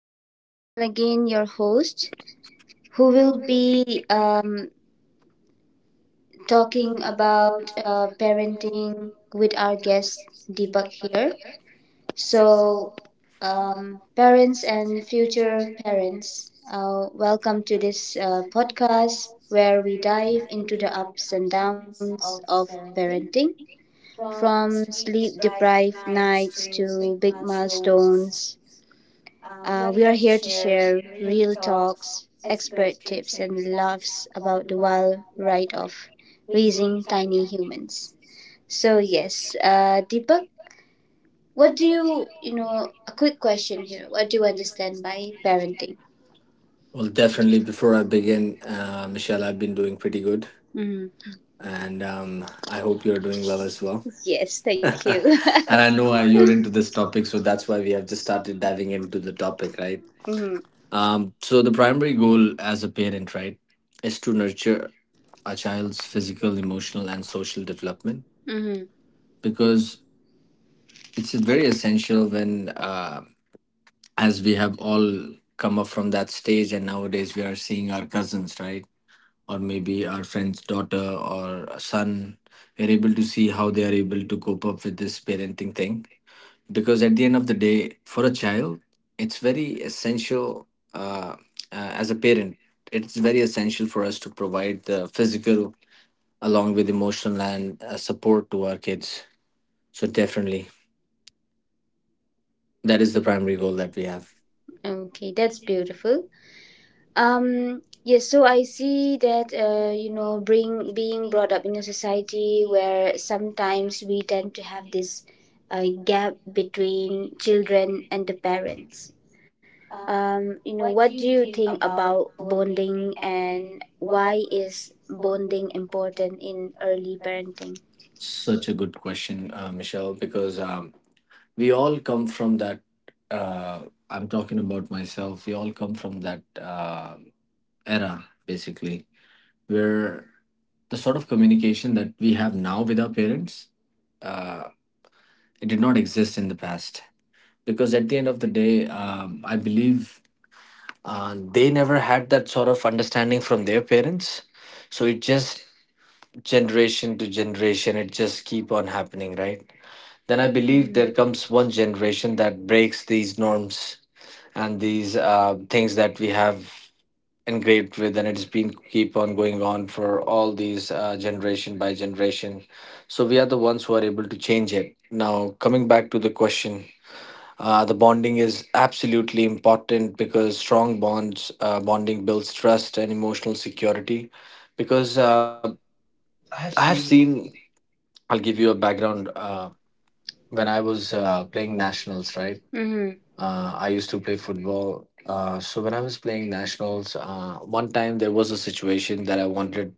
here's Michelle again, your host, who will be talking about parenting with our guest Deepak here. So, parents and future parents, welcome to this podcast where we dive into the ups and downs of parenting, from sleep deprived nights to big milestones. We are here to share real talks, expert tips, and laughs about the wild ride of raising tiny humans. So yes, Deepak, what do you you know? A quick question here: what do you understand by parenting? Well, definitely. Before I begin, Michelle, I've been doing pretty good, Hmm. and I hope you're doing well as well. Yes, thank And you. I know you're into this topic, so that's why we have just started diving into the topic, right? Mm-hmm. So the primary goal as a parent, right, is to nurture a child's physical, emotional, and social development, Mm-hmm. because it's very essential when, as we have all come up from that stage, and nowadays we are seeing our cousins, right? Or maybe our friend's daughter or a son, we're able to see how they are able to cope up with this parenting thing, because at the end of the day, for a child it's very essential. uh, as a parent, it's very essential for us to provide the physical along with emotional and support to our kids. So definitely, that is the primary goal that we have. Okay, that's beautiful. Yes, so I see that, being brought up in a society where sometimes we tend to have this gap between children and the parents. What do you think about bonding and why is bonding important in early parenting? Such a good question, Michelle, because we all come from that uh, I'm talking about myself, we all come from that era, basically, where the sort of communication that we have now with our parents, uh, it did not exist in the past, because at the end of the day, I believe they never had that sort of understanding from their parents. So it just, generation to generation, it just keep on happening, right? Then Then I I believe believe. Mhm. there That comes. comes one generation that breaks these norms and these things that we have engraved with, and it's been keep on going on for all these generation by generation. So we are the ones who are able to change it. Now, coming back to the question. The bonding is absolutely important because strong bonds, bonding builds trust and emotional security, because I have seen, I'll give you a background. When I was playing nationals, right, Hmm. I used to play football. So when I was playing nationals, one time there was a situation that I wanted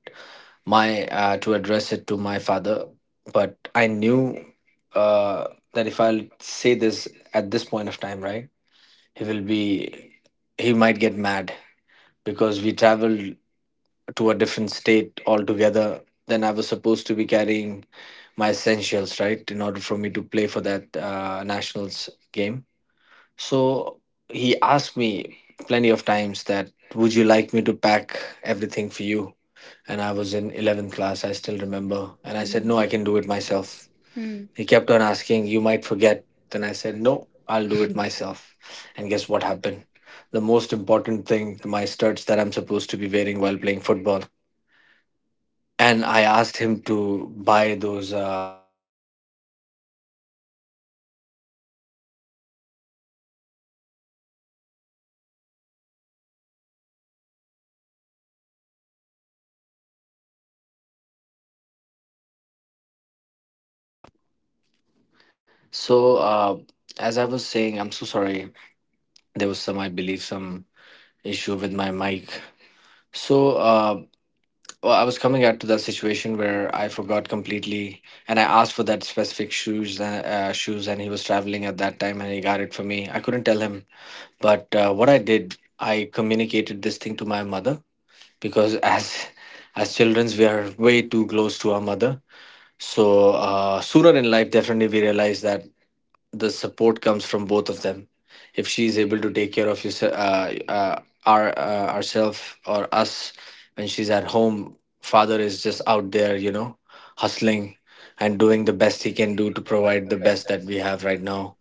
my to address it to my father, but I knew uh, that if I'll say this at this point of time, right, he will be, he might get mad, because we traveled to a different state altogether. Then I was supposed to be carrying my essentials, right, in order for me to play for that nationals game. So he asked me plenty of times, that would you like me to pack everything for you? And I was in 11th class, I still remember. And And I I said, said, no, no. I can do it myself. Mm-hmm. He kept on asking, you might forget. Then I said, no, I'll do it myself. And guess what happened? The most important thing, my studs that I'm supposed to be wearing while playing football. And I asked him to buy those. So, uh, as I was saying, I'm so sorry. There was some, I believe, some issue with my mic. So, uh, well, I was coming out to the situation where I forgot completely, and I asked for that specific shoes, shoes, and he was traveling at that time, and he got it for me. I couldn't tell him, but what I did, I communicated this thing to my mother, because as childrens, we are way too close to our mother. So sooner in life, definitely we realize that the support comes from both of them. If she is able to take care of yourself, ourself or us when she's at home, father is just out there, you know, hustling and doing the best he can do to provide the best that we have right now.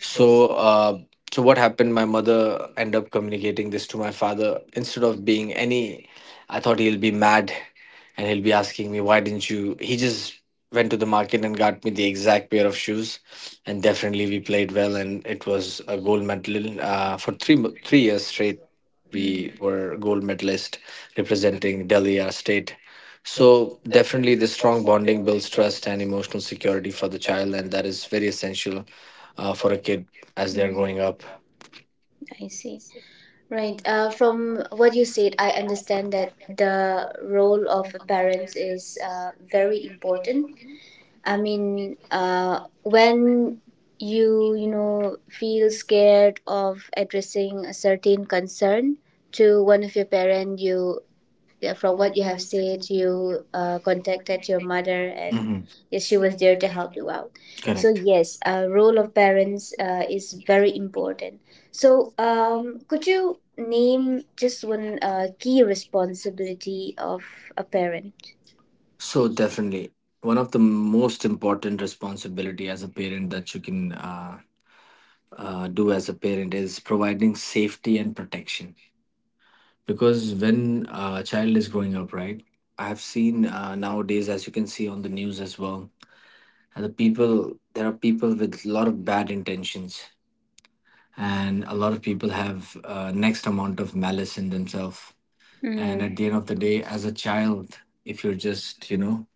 So, uh, so what happened? My mother ended up communicating this to my father. Instead of being any, I thought he'll be mad, and he'll be asking me, why didn't you. He just went to the market and got me the exact pair of shoes, and definitely we played well, and it was a gold medal for 3 years straight. We were Mm-hmm. gold medalist representing Delhi, our state. So definitely, the strong bonding builds trust and emotional security for the child, and that is very essential for a kid As as they're they're growing growing up. up. I see. Right. From what you said, I understand that the role of parents is very important. I mean, when you know feel scared of addressing a certain concern to one of your parent, you yeah, from what you have Mhm. said, you contacted your mother and, yes, she was there to help you out. So Correct. yes, role of parents is very important. So, could you name just one key responsibility of a parent? So definitely, one of the most important responsibility as a parent that you can do as a parent is providing safety and protection, because when a child is growing up, right? I have seen nowadays, as you can see on the news as well, and the people, there are people with a lot of bad intentions, and a lot of people have next amount of malice in themselves. And at the end of the Mm. day, as a child, if you're just, you know,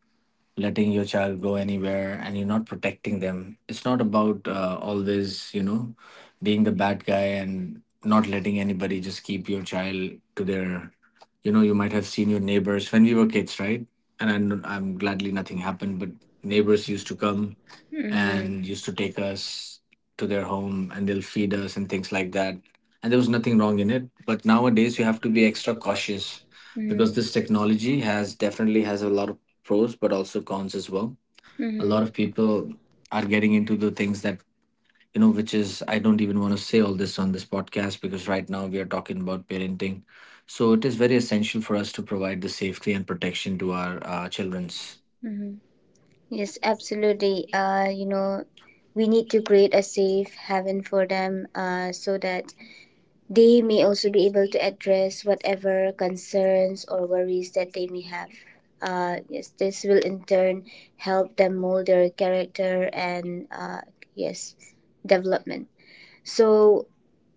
letting your child go anywhere and you're not protecting them, it's not about always, you know, being the bad guy and not letting anybody, just keep your child to their, you know, you might have seen your neighbors when we were kids, right? And I'm gladly nothing happened, but neighbors used to come Mm. and used to take us to their home, and they'll feed us and things like that. And there was nothing wrong in it. But nowadays you have to be extra cautious, Mm. because this technology has definitely has a lot of pros but also cons as well. a A lot of Mm. people are getting into the things that, you know, which is, I don't even want to say all this on this podcast, because right now we are talking about parenting. So it is very essential for us to provide the safety and protection to our children's. Mhm. Yes, absolutely. We need to create a safe haven for them, so that they may also be able to address whatever concerns or worries that they may have. Yes, this will in turn help them mold their character and, yes, development. So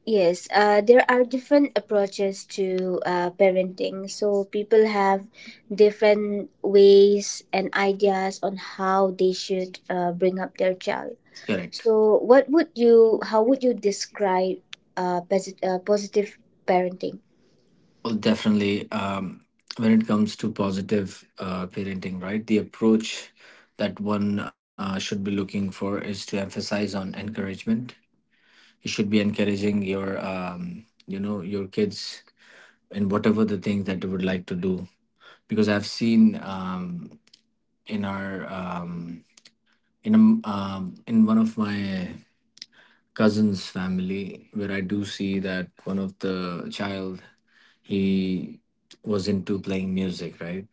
yes, there are different approaches to parenting. So people have different ways and ideas on how they should bring up their child. Correct. So, You, how how would would you you describe. describe positive parenting? Well, definitely. When it comes to positive parenting, right, the approach that one should be looking for is to emphasize on encouragement. You should be encouraging your, you know, your kids in whatever the things that they would like to do. Because I've seen in our in a, in one of my cousin's family, where I do see that one of the child, he was into playing music, right?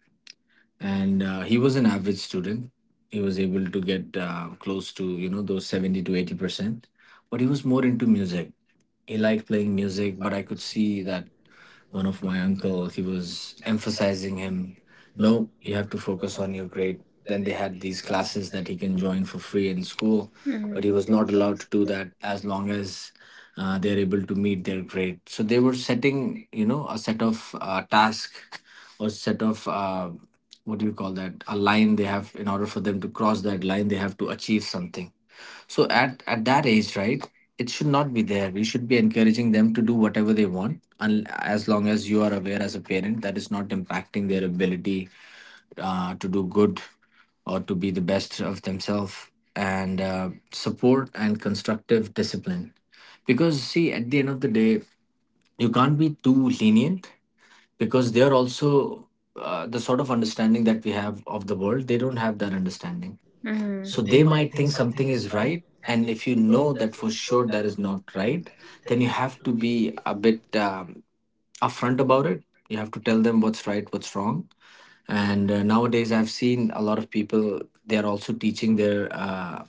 And he was an average student. He was able to get close to, you know, those 70 to 80%, but he was more into music. He liked playing music, but I could see that one of my uncles, he was emphasizing him, no, you have to focus on your grade. Then they had these classes that he can join for free in school, But but he was not Hmm. allowed to do that as long as they're able to meet their grade. So they were setting, you know, a set of task or set of what do you call that, a line they have, in order for them to cross that line they have to achieve something. So at that age, right, it should not be there. We should be encouraging them to do whatever they want, and as long as you are aware as a parent that is not impacting their ability to do good or to be the best of themselves, and support and constructive discipline. Because see, at the end of the day, you can't be too lenient because they are also. The sort of understanding that we have of the world, they don't have that understanding, Hmm. so they might think something is right. And if you know that for sure that is not right, then you have to be a bit upfront about it. You have to tell them what's right, what's wrong. And nowadays, I've seen a lot of people, they are also teaching their uh,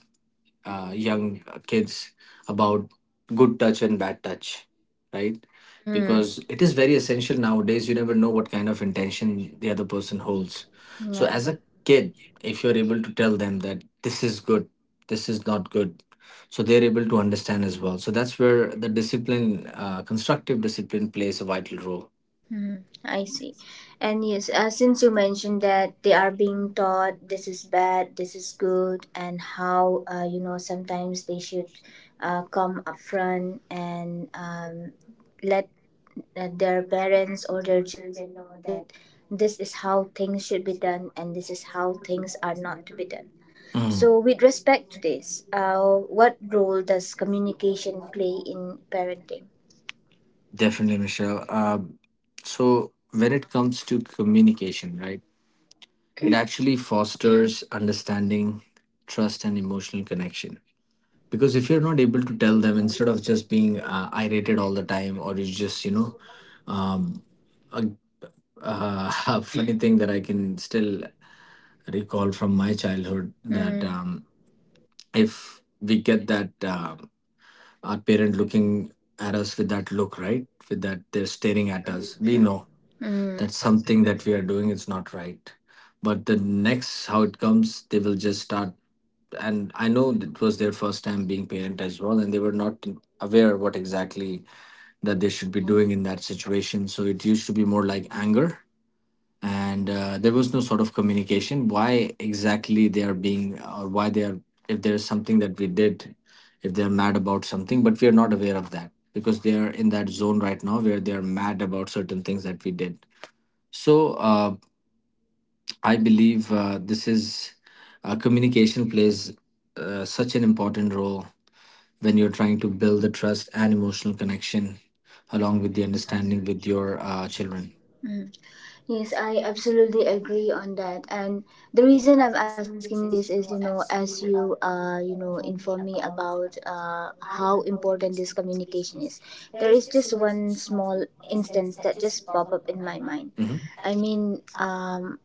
uh, young kids about good touch and bad touch, right? Because it Hmm. is very essential nowadays. You never know what kind of intention the other person holds. So, Yeah. as a kid, if you're able to tell them that this is good, this is not good, so they're able to understand as well. So, that's where the discipline, constructive discipline, plays a vital role. Mhm. I see. And yes, since you mentioned that they are being taught this is bad, this is good, and how, sometimes they should come up front and, let their parents or their children know that this is how things should be done and this is how things are not to be done. Mm. So, with respect to this, what role does communication play in parenting? Definitely, Michelle. When it comes to communication, right? It actually fosters understanding, trust, and emotional connection. Because if you're not able to tell them, instead of just being irated all the time, or you just, you know, um, a, a funny thing that I can still recall from my childhood, that Mm. If we get that our parent looking at us with that look, right, with that, they're staring at us, we know Mm. that something that we are doing is not right, but the next how it comes they will just start. And I know it was their first time being parent as well, and they were not aware what exactly that they should be doing in that situation. So it used to be more like anger, and there was no sort of communication. Why exactly they are being, or why they are, if there is something that we did, if they are mad about something, but we are not aware of that because they are in that zone right now where they are mad about certain things that we did. So uh, I believe this is communication plays such an important role when you're trying to build the trust and emotional connection along with the understanding with your children. Yes, I absolutely agree on that. And the reason I'm asking this is, as you inform me about how important this communication is, there is just one small instance that just pop up in my mind. Mhm. I mean,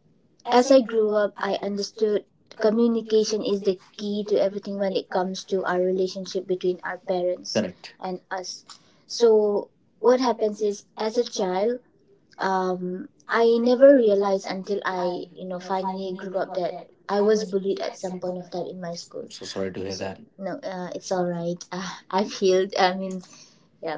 as I grew up, I understood communication is the key to everything when it comes to our relationship between our parents, correct, Correct. and us. So what happens is, as a child, I never realized until I, finally grew up that I was bullied at some point of time in my I'm school. so sorry to hear that. No, it's all right. I've healed. I mean, yeah,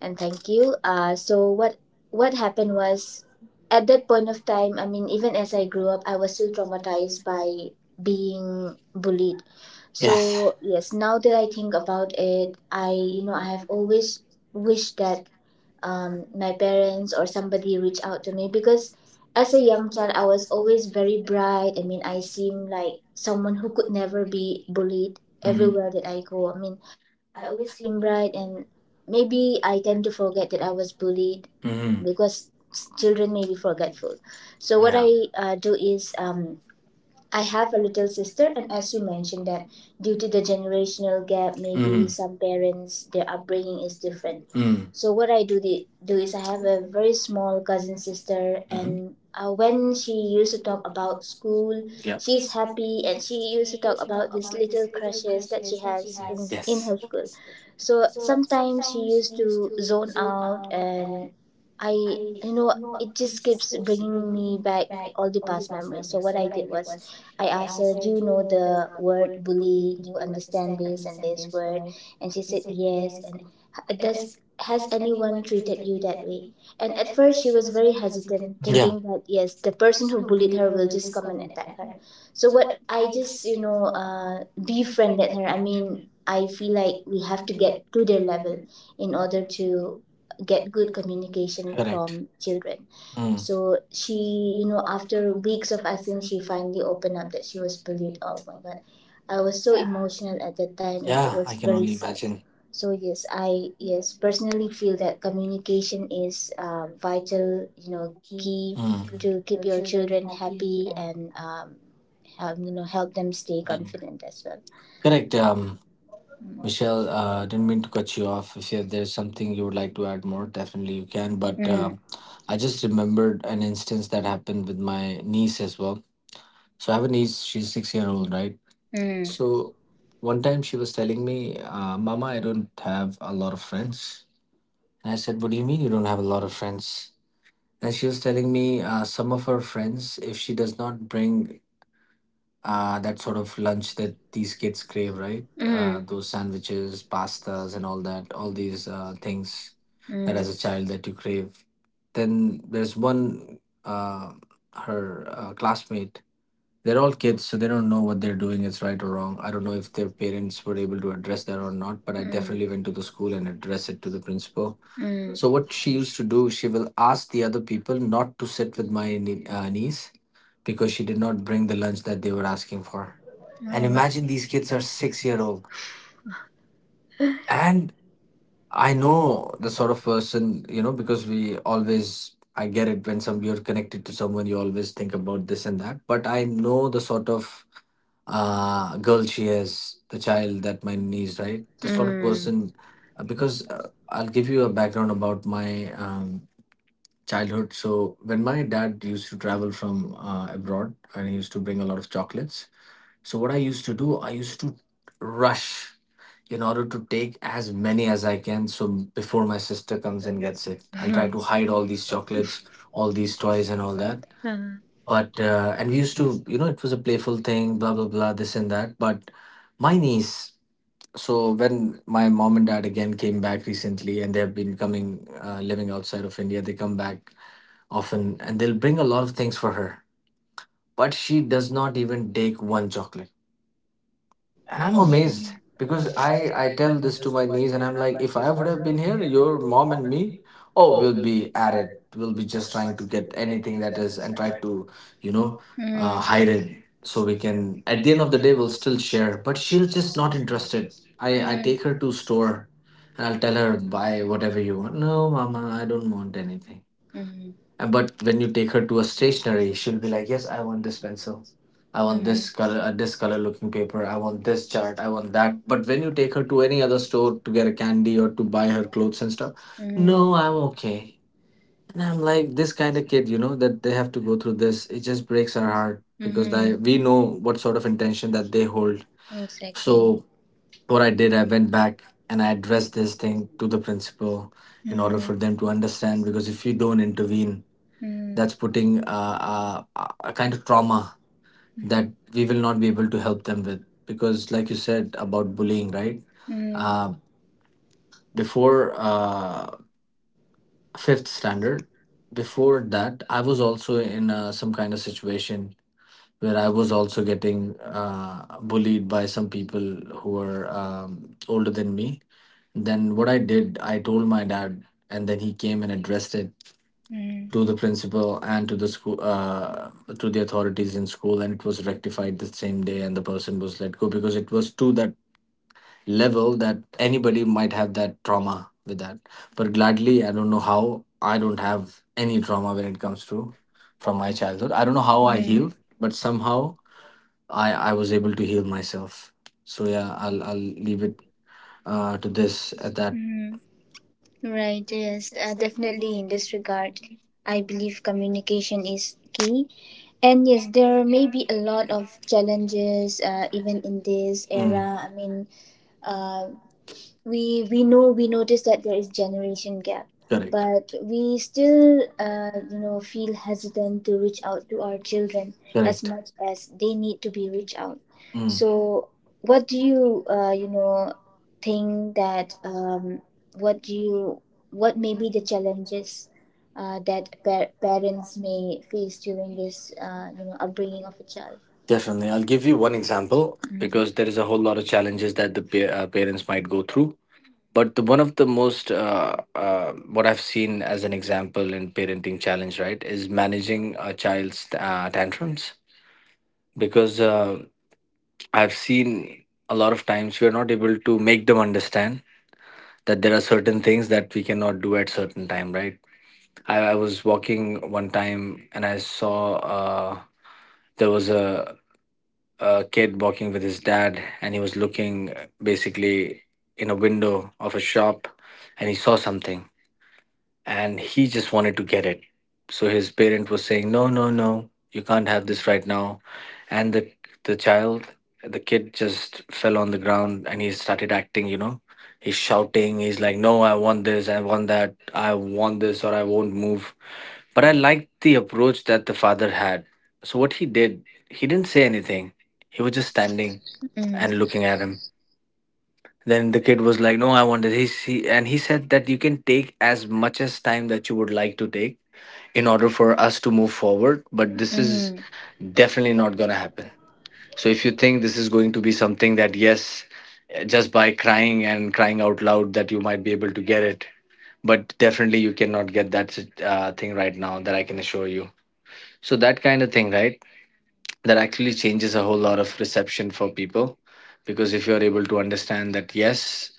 and thank you. So what happened was, at that point of time, I mean, even as I grew up, I was still traumatized by being bullied. Yes. So yes, now that I think about it, I you know I have always wished that, my parents or somebody reach out to me, because as a young child I was always very bright. I mean, I seem like someone who could never be bullied. Everywhere that I go, I mean, I always seem bright, and maybe I tend to forget that I was bullied, Mhm. because children may be forgetful. So what I do is, I have a little sister. And as you mentioned, that due to the generational gap, maybe some parents, their upbringing is different. Mm. So what I do is I have a very small cousin sister, and when she used to talk about school, yeah, Yeah. she's happy, and she used to talk about these little crushes that she has, yes, Yes. in her school. So sometimes she used to zone out, and, I you know it just keeps bringing me back all the past memories. So what I did was, I asked her, "Do you know the word bully? Do you understand this and this word?" And she said yes, and, does has anyone treated you that way? And at first, she was very hesitant, thinking that yes, the person who bullied her will just come and attack her. So, what I just, befriended her. I mean, I feel like we have to get to their level in order to get good communication from children. Mm. So, she, after weeks of asking, she finally opened up that she was bullied. Oh my god. I was so emotional at that time and it was very sad. So yes, I personally feel that communication is vital, key to keep your Mm. children happy and, help them stay confident as well. Correct. Mm. Michelle, didn't mean to cut you off. If you, there's something you would like to add more, definitely you can. we But Mm. I just remembered an instance that happened with my niece as well. So I have a niece. She's 6-year old, right? Mm. Mm. So one time she was telling me, "Mama, I don't have a lot of friends." And I said, "What do you mean you don't have a lot of friends?" And she was telling me some of her friends, if she does not bring that sort of lunch that these kids crave, right? uh, mhm, those sandwiches, pastas, and all that, all these things that that as a child Mm. that you crave. Then there's one, uh, her classmate. They're all kids, so they don't know what they're doing is right or wrong. I don't know if their parents were able to address that or not, but I definitely went to the school and addressed it to the principal. Mm. So what she used to do, she will ask the other people not to sit with my niece because she did not bring the lunch that they were asking for. And imagine these kids are 6-year old. And I know the sort of person, you know, because we always, I get it when some you're connected to someone, you always think about this and that. But I know the sort of girl she is, the child that my niece, right? The sort of person, because I'll give you a background about my childhood. So when my dad used to travel from abroad and he used to bring a lot of chocolates, so what I used to do, I used to rush in order to take as many as I can. So before my sister comes and gets it, I'll try to hide all these chocolates, all these toys, and all that. And But and we used to, you know, it was a playful thing, blah blah blah, this and that. But my niece. So when my mom and dad again came back recently, and they have been coming, living outside of India, they come back often and they'll bring a lot of things for her, but she does not even take one chocolate. And I'm amazed because I tell this to my niece, and I'm like, if I would have been here, your mom and me, oh, we'll be at it, we'll be just trying to get anything that is and try to, you know, Mm. Hide it so we can at the end of the day we'll still share, but she'll just not interested. I Mhm. take her to store and I'll tell her, buy whatever you want. No mama, I don't want anything. Mhm. But when you take her to a stationery, she'll be like, "Yes, I want this pencil. I want Mhm. this color looking paper. I want this chart. I want that." But when you take her to any other store to get a candy or to buy her clothes and stuff, Mhm. no, I'm okay. And I'm like this kind of kid, you know, that they have to go through this. It just breaks our heart Because because I, we know Mhm. what sort of intention that they hold. Exactly. So what I did, I went back and I addressed this thing to the principal in order for them to understand. Because if you don't intervene, Mhm. that's putting a kind of trauma that we will Mhm. not be able to help them with, because like you said about bullying, right? uh, Mhm. Before fifth standard, before that I was also in some kind of situation where I was also getting bullied by some people who were older than me. Then what I did, I told my dad, and then he came and addressed it Mm. to the principal and to the school, to the authorities in school, and it was rectified the same day, and the person was let go because it was to that level that anybody might have that trauma with that. But gladly, I don't know how, I don't have any trauma when it comes to, from my childhood I don't know how people I Mm. healed, but somehow I was able to heal myself. So yeah, I'll leave it to this at that. Mm. Right, yes, definitely in this regard, I believe communication is key. And yes, there may be a lot of challenges, even in this era. Mm. I mean, uh, we know we notice that there is generation gap, Correct. but we But we still feel hesitant to reach out to our as children correct as much. much as they need to be reached out. Mm. So what do you uh, you know think that um, what do you what may be the challenges that parents may face during this upbringing of a child? Definitely. I'll give you one example because there Mhm. is a whole lot of challenges that the parents might go through. But the, one of the most, what I've seen as an example in parenting challenge, right, is managing a child's tantrums. Because I've seen a lot of times we are not able to make them understand that there are certain things that we cannot do at certain time, right? I was walking one time and I saw uh, there was a kid walking with his dad and he was looking basically in a window of a shop, and he saw something and he just wanted to get it. So his parent was saying, "No, no, no, you can't have this right now," and the child, the kid, just fell on the ground and he started acting. You know, he's shouting. He's like, "No, I want this. I want that. I want this, or I won't move." But I liked the approach that the father had. So what he did, he didn't say anything. He was just standing and Mhm. looking at him. Then the kid was like, "No, I want it." He and he said that you can take as much as time that you would like to take in order for us to move forward, but this is definitely not gonna happen. So if you think this is going to be something that yes, just by crying and crying out loud that you might be able to get it, but definitely you cannot get that thing right now, that I can assure you. So that kind of thing, right? That actually changes a whole lot of reception for people because if you're able to understand that yes,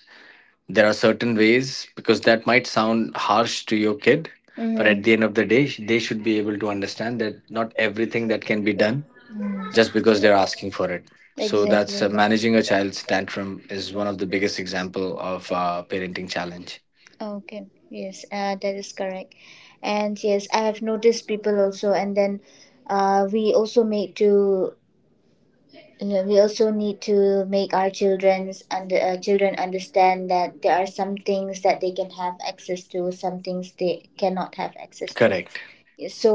there are certain ways, because that might sound harsh to your kid, but at the Mhm. end of the day, Mhm. They should be able to understand that not everything that can be done Mm. just because they're asking So for it. So Exactly. that's managing a child's tantrum is one of the biggest example of parenting challenge. Okay. Yes, that is correct. And yes, I have noticed people also. And then, we also make to yeah, we also need to make our children understand that there are some things that they can have access to, some things they cannot have access to. Correct. So,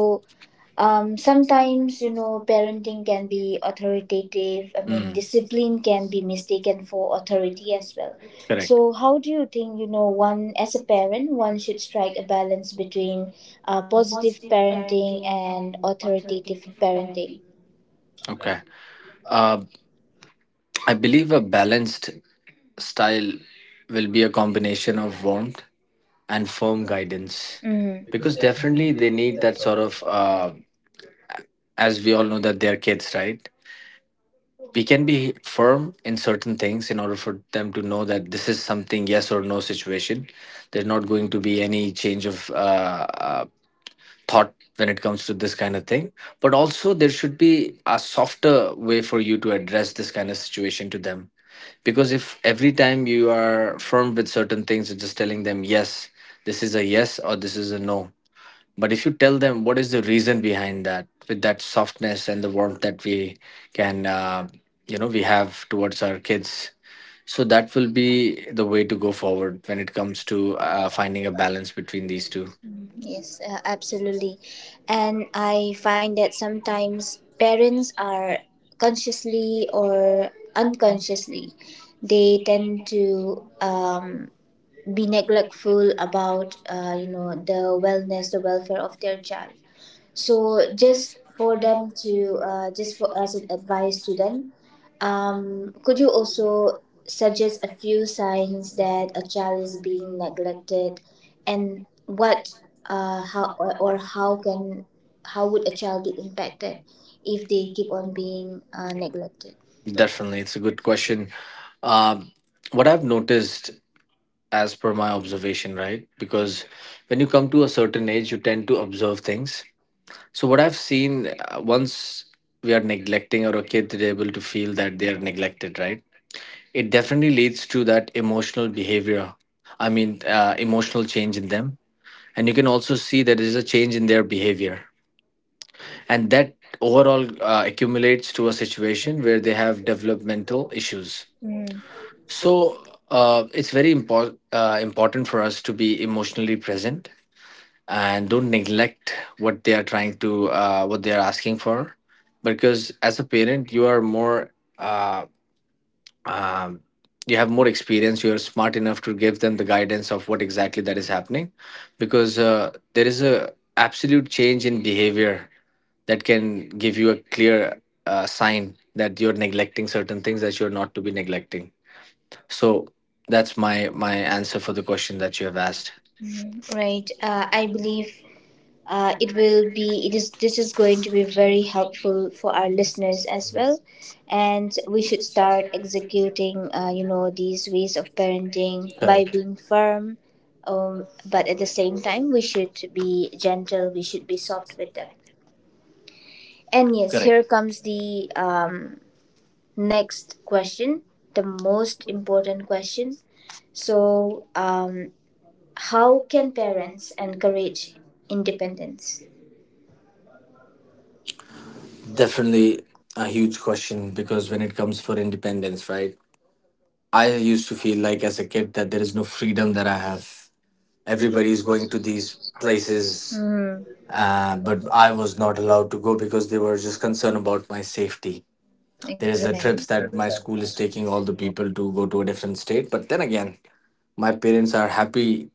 Sometimes, parenting can be authoritative. I mean, Mm. discipline can be mistaken for authority as well. So, Correct. how do you think, one should strike a balance between positive parenting and authoritative parenting? Okay. Uh, I believe a balanced style will be a combination of warmth and firm guidance, Mm-hmm. because definitely they need that sort of as we all know that they're kids, right? We can be firm in certain things in order for them to know that this is something yes or no situation. There's not going to be any change of uh, thought when it comes to this kind of thing, but also there should be a softer way for you to address this kind of situation to them. Because if every time you are firm with certain things you're just telling them yes, this is a yes or this is a no, but if you tell them what is the reason behind that with that softness and the warmth that we can, you know, we have towards our kids, so that will be the way to go forward when it comes to finding a balance between these two. Mm. Yes, absolutely. And I find that sometimes parents are, consciously or unconsciously, they tend to, be neglectful about, the wellness, the welfare of their child. So just for them to, just for as an advice to them, could you also suggest a few signs that a child is being neglected, and what how or how can how would a child get impacted if they keep on being neglected? Definitely, it's a good question. um, what I've noticed as per my observation, right, because when you come to a certain age you tend to observe things. So what I've seen, once we are neglecting or a kid are able to feel that they are neglected, right? It definitely leads to that emotional behavior. I mean, emotional change in them, and you can also see that there is a change in their behavior, and that overall accumulates to a situation where they have developmental issues. Mm. So it's very important important for us to be emotionally present and don't neglect what they are trying to what they are asking for because as a parent you are more uh, um, you have more experience, you are smart enough to give them the guidance of what exactly that is happening because there is a absolute change in behavior that can give you a clear sign that you're neglecting certain things that you're not to be neglecting. So that's my answer for the question that you have asked. Right. I believe it will be it is this is going to be very helpful for our listeners as well, and we should start executing, these ways of parenting by Correct. being firm, but at the same time we should be gentle. We should be soft with them. And yes, Correct. here comes the, next question, the most important question. So, how can parents encourage independence? Definitely a huge question because when it comes for independence, right? I used to feel like as a kid that there is no freedom that I have. Everybody is going to these places, Hmm. But I was not allowed to go because they were just concerned about my safety. There is the There's trips that my school is taking all the people to go to a different state, but then again, my parents are happy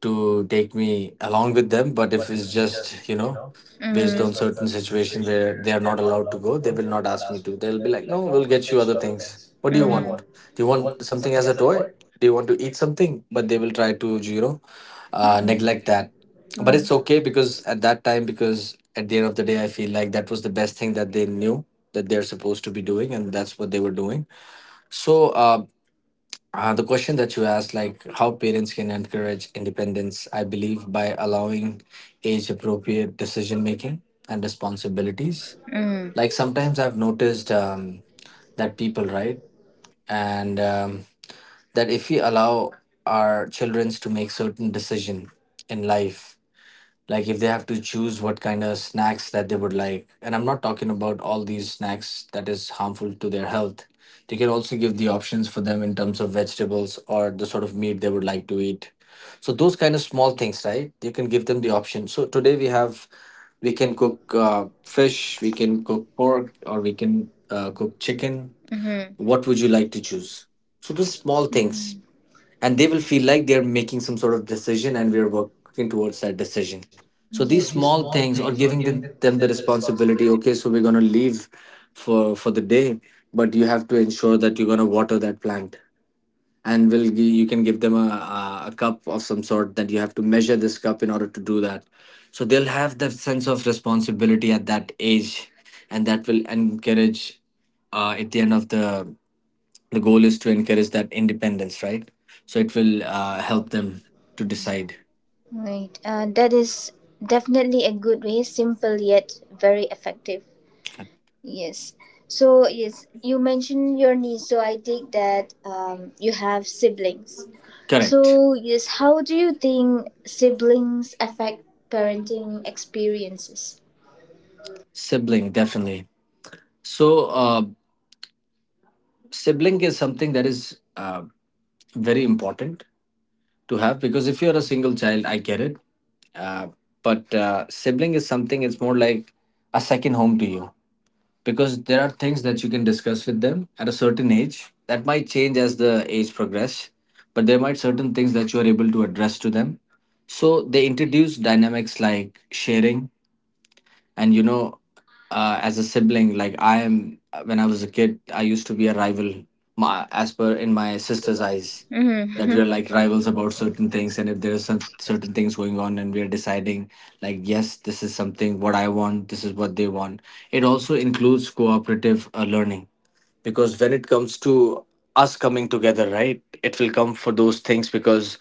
to take me along with them, but if it's just, you know, Mm. based on certain situation where they are not allowed to go, they will not ask me to. They'll be like, no, we'll get you other things. What do you Mm. want? Do you want something as a toy? Do you want to eat something? But they will try to, you know, neglect that. Mm. But it's okay because at that time, because at the end of the day, I feel like that was the best thing that they knew, that they're supposed to be doing, and that's what they were doing. So the question that you asked, like how parents can encourage independence, I believe by allowing age appropriate decision making and responsibilities. Mm. Like sometimes I've noticed that people, right? And that if we allow our children to make certain decision in life, like if they have to choose what kind of snacks that they would like, and I'm not talking about all these snacks that is harmful to their health, they can also give the options for them in terms of vegetables or the sort of meat they would like to eat. So those kind of small things, right? You can give them the option. So today we have, we can cook fish, we can cook pork, or we can cook chicken. Mhm. What would you like to choose? So those small things, and they will feel like they're making some sort of decision and we're working towards that decision. Mm. So these small things, or giving them the responsibility. Okay, so we're going to leave for the day, but you have to ensure that you're going to water that plant. And you can give them a cup of some sort that you have to measure this cup in order to do that. So they'll have that sense of responsibility at that age, and that will encourage, at the end of the goal is to encourage that independence, right? So it will help them to decide. Right. That is definitely a good way, simple yet very effective. Yes. So, yes, you mentioned your niece, so I take that, you have siblings. Correct. So, yes, how do you think siblings affect parenting experiences? Sibling definitely. So uh, sibling is something that is very important to have, because if you're a single child, I get it. uh, but sibling is something, it's more like a second home to you, because there are things that you can discuss with them at a certain age that might change as the age progress, but there might certain things that you are able to address to them. So they introduce dynamics like sharing, and, you know, as a sibling, like I am, when I was a kid, I used to be a rival, my, as per in my sister's eyes, that Mm-hmm. we're When like rivals about certain things. And if there are some certain things going on and we're deciding, like, yes, this is something what I want, this is what they want. It also includes cooperative learning, because when it comes to us coming together, right, it will come for those things because,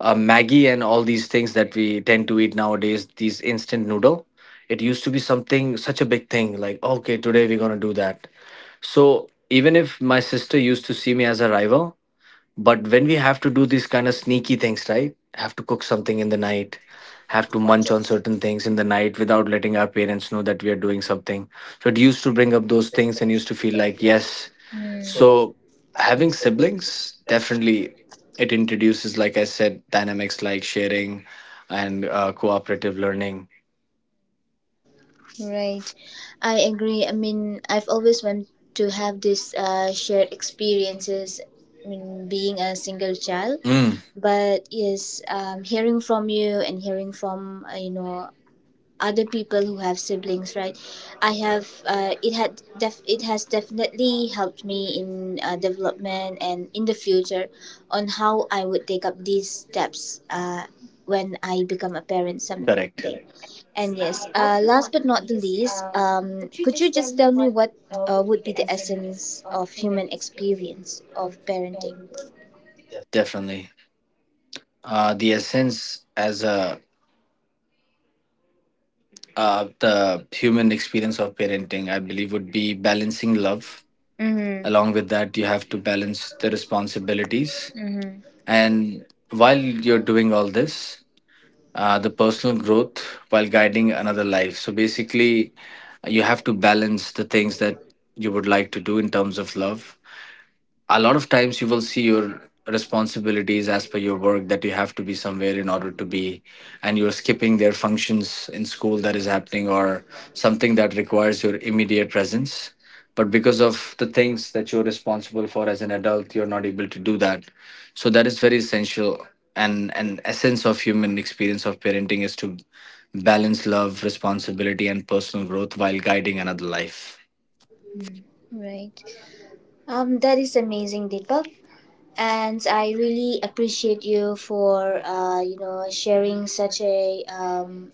Maggie and all these things that we tend to eat nowadays, these instant noodle, it used to be something such a big thing, like, okay, today we're gonna do that. So even if my sister used to see me as a rival, but when we have to do these kind of sneaky things, right, have to cook something in the night, have to munch on certain things in the night without letting our parents know that we are doing something. So it used to bring up those things and used to feel like, yes. Mm. So having siblings definitely, it introduces, like I said, dynamics like sharing and cooperative learning. Right. I agree. I mean, I've always wanted to have this shared experiences. I mean, being a single child, Mm. but yes, hearing from you and hearing from, other people who have siblings, right, I have it had def- it has definitely helped me in development and in the future on how I would take up these steps, when I become a parent someday. Correct. And yes, last but not the least, could you just tell me what would be the essence of human experience of parenting? Definitely. The essence as a, the human experience of parenting, I believe, would be balancing love. Mm-hmm. Along with that, you have to balance the responsibilities. Mm-hmm. And while you're doing all this, the personal growth while guiding another life. So basically, you have to balance the things that you would like to do in terms of love. A lot of times you will see your responsibilities as per your work, that you have to be somewhere in order to be, and you're skipping their functions in school that is happening, or something that requires your immediate presence, but because of the things that you're responsible for as an adult, you're not able to do that. So that is very essential. And an essence of human experience of parenting is to balance love, responsibility, and personal growth while guiding another life. Right. That is amazing, Deepak. And I really appreciate you for sharing such a,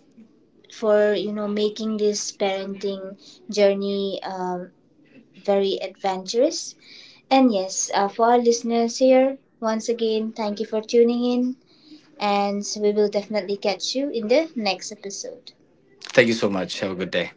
for making this parenting journey, very adventurous. And yes, for our listeners here, once again, thank you for tuning in, and we will definitely catch you in the next episode. Thank you so much. Have a good day.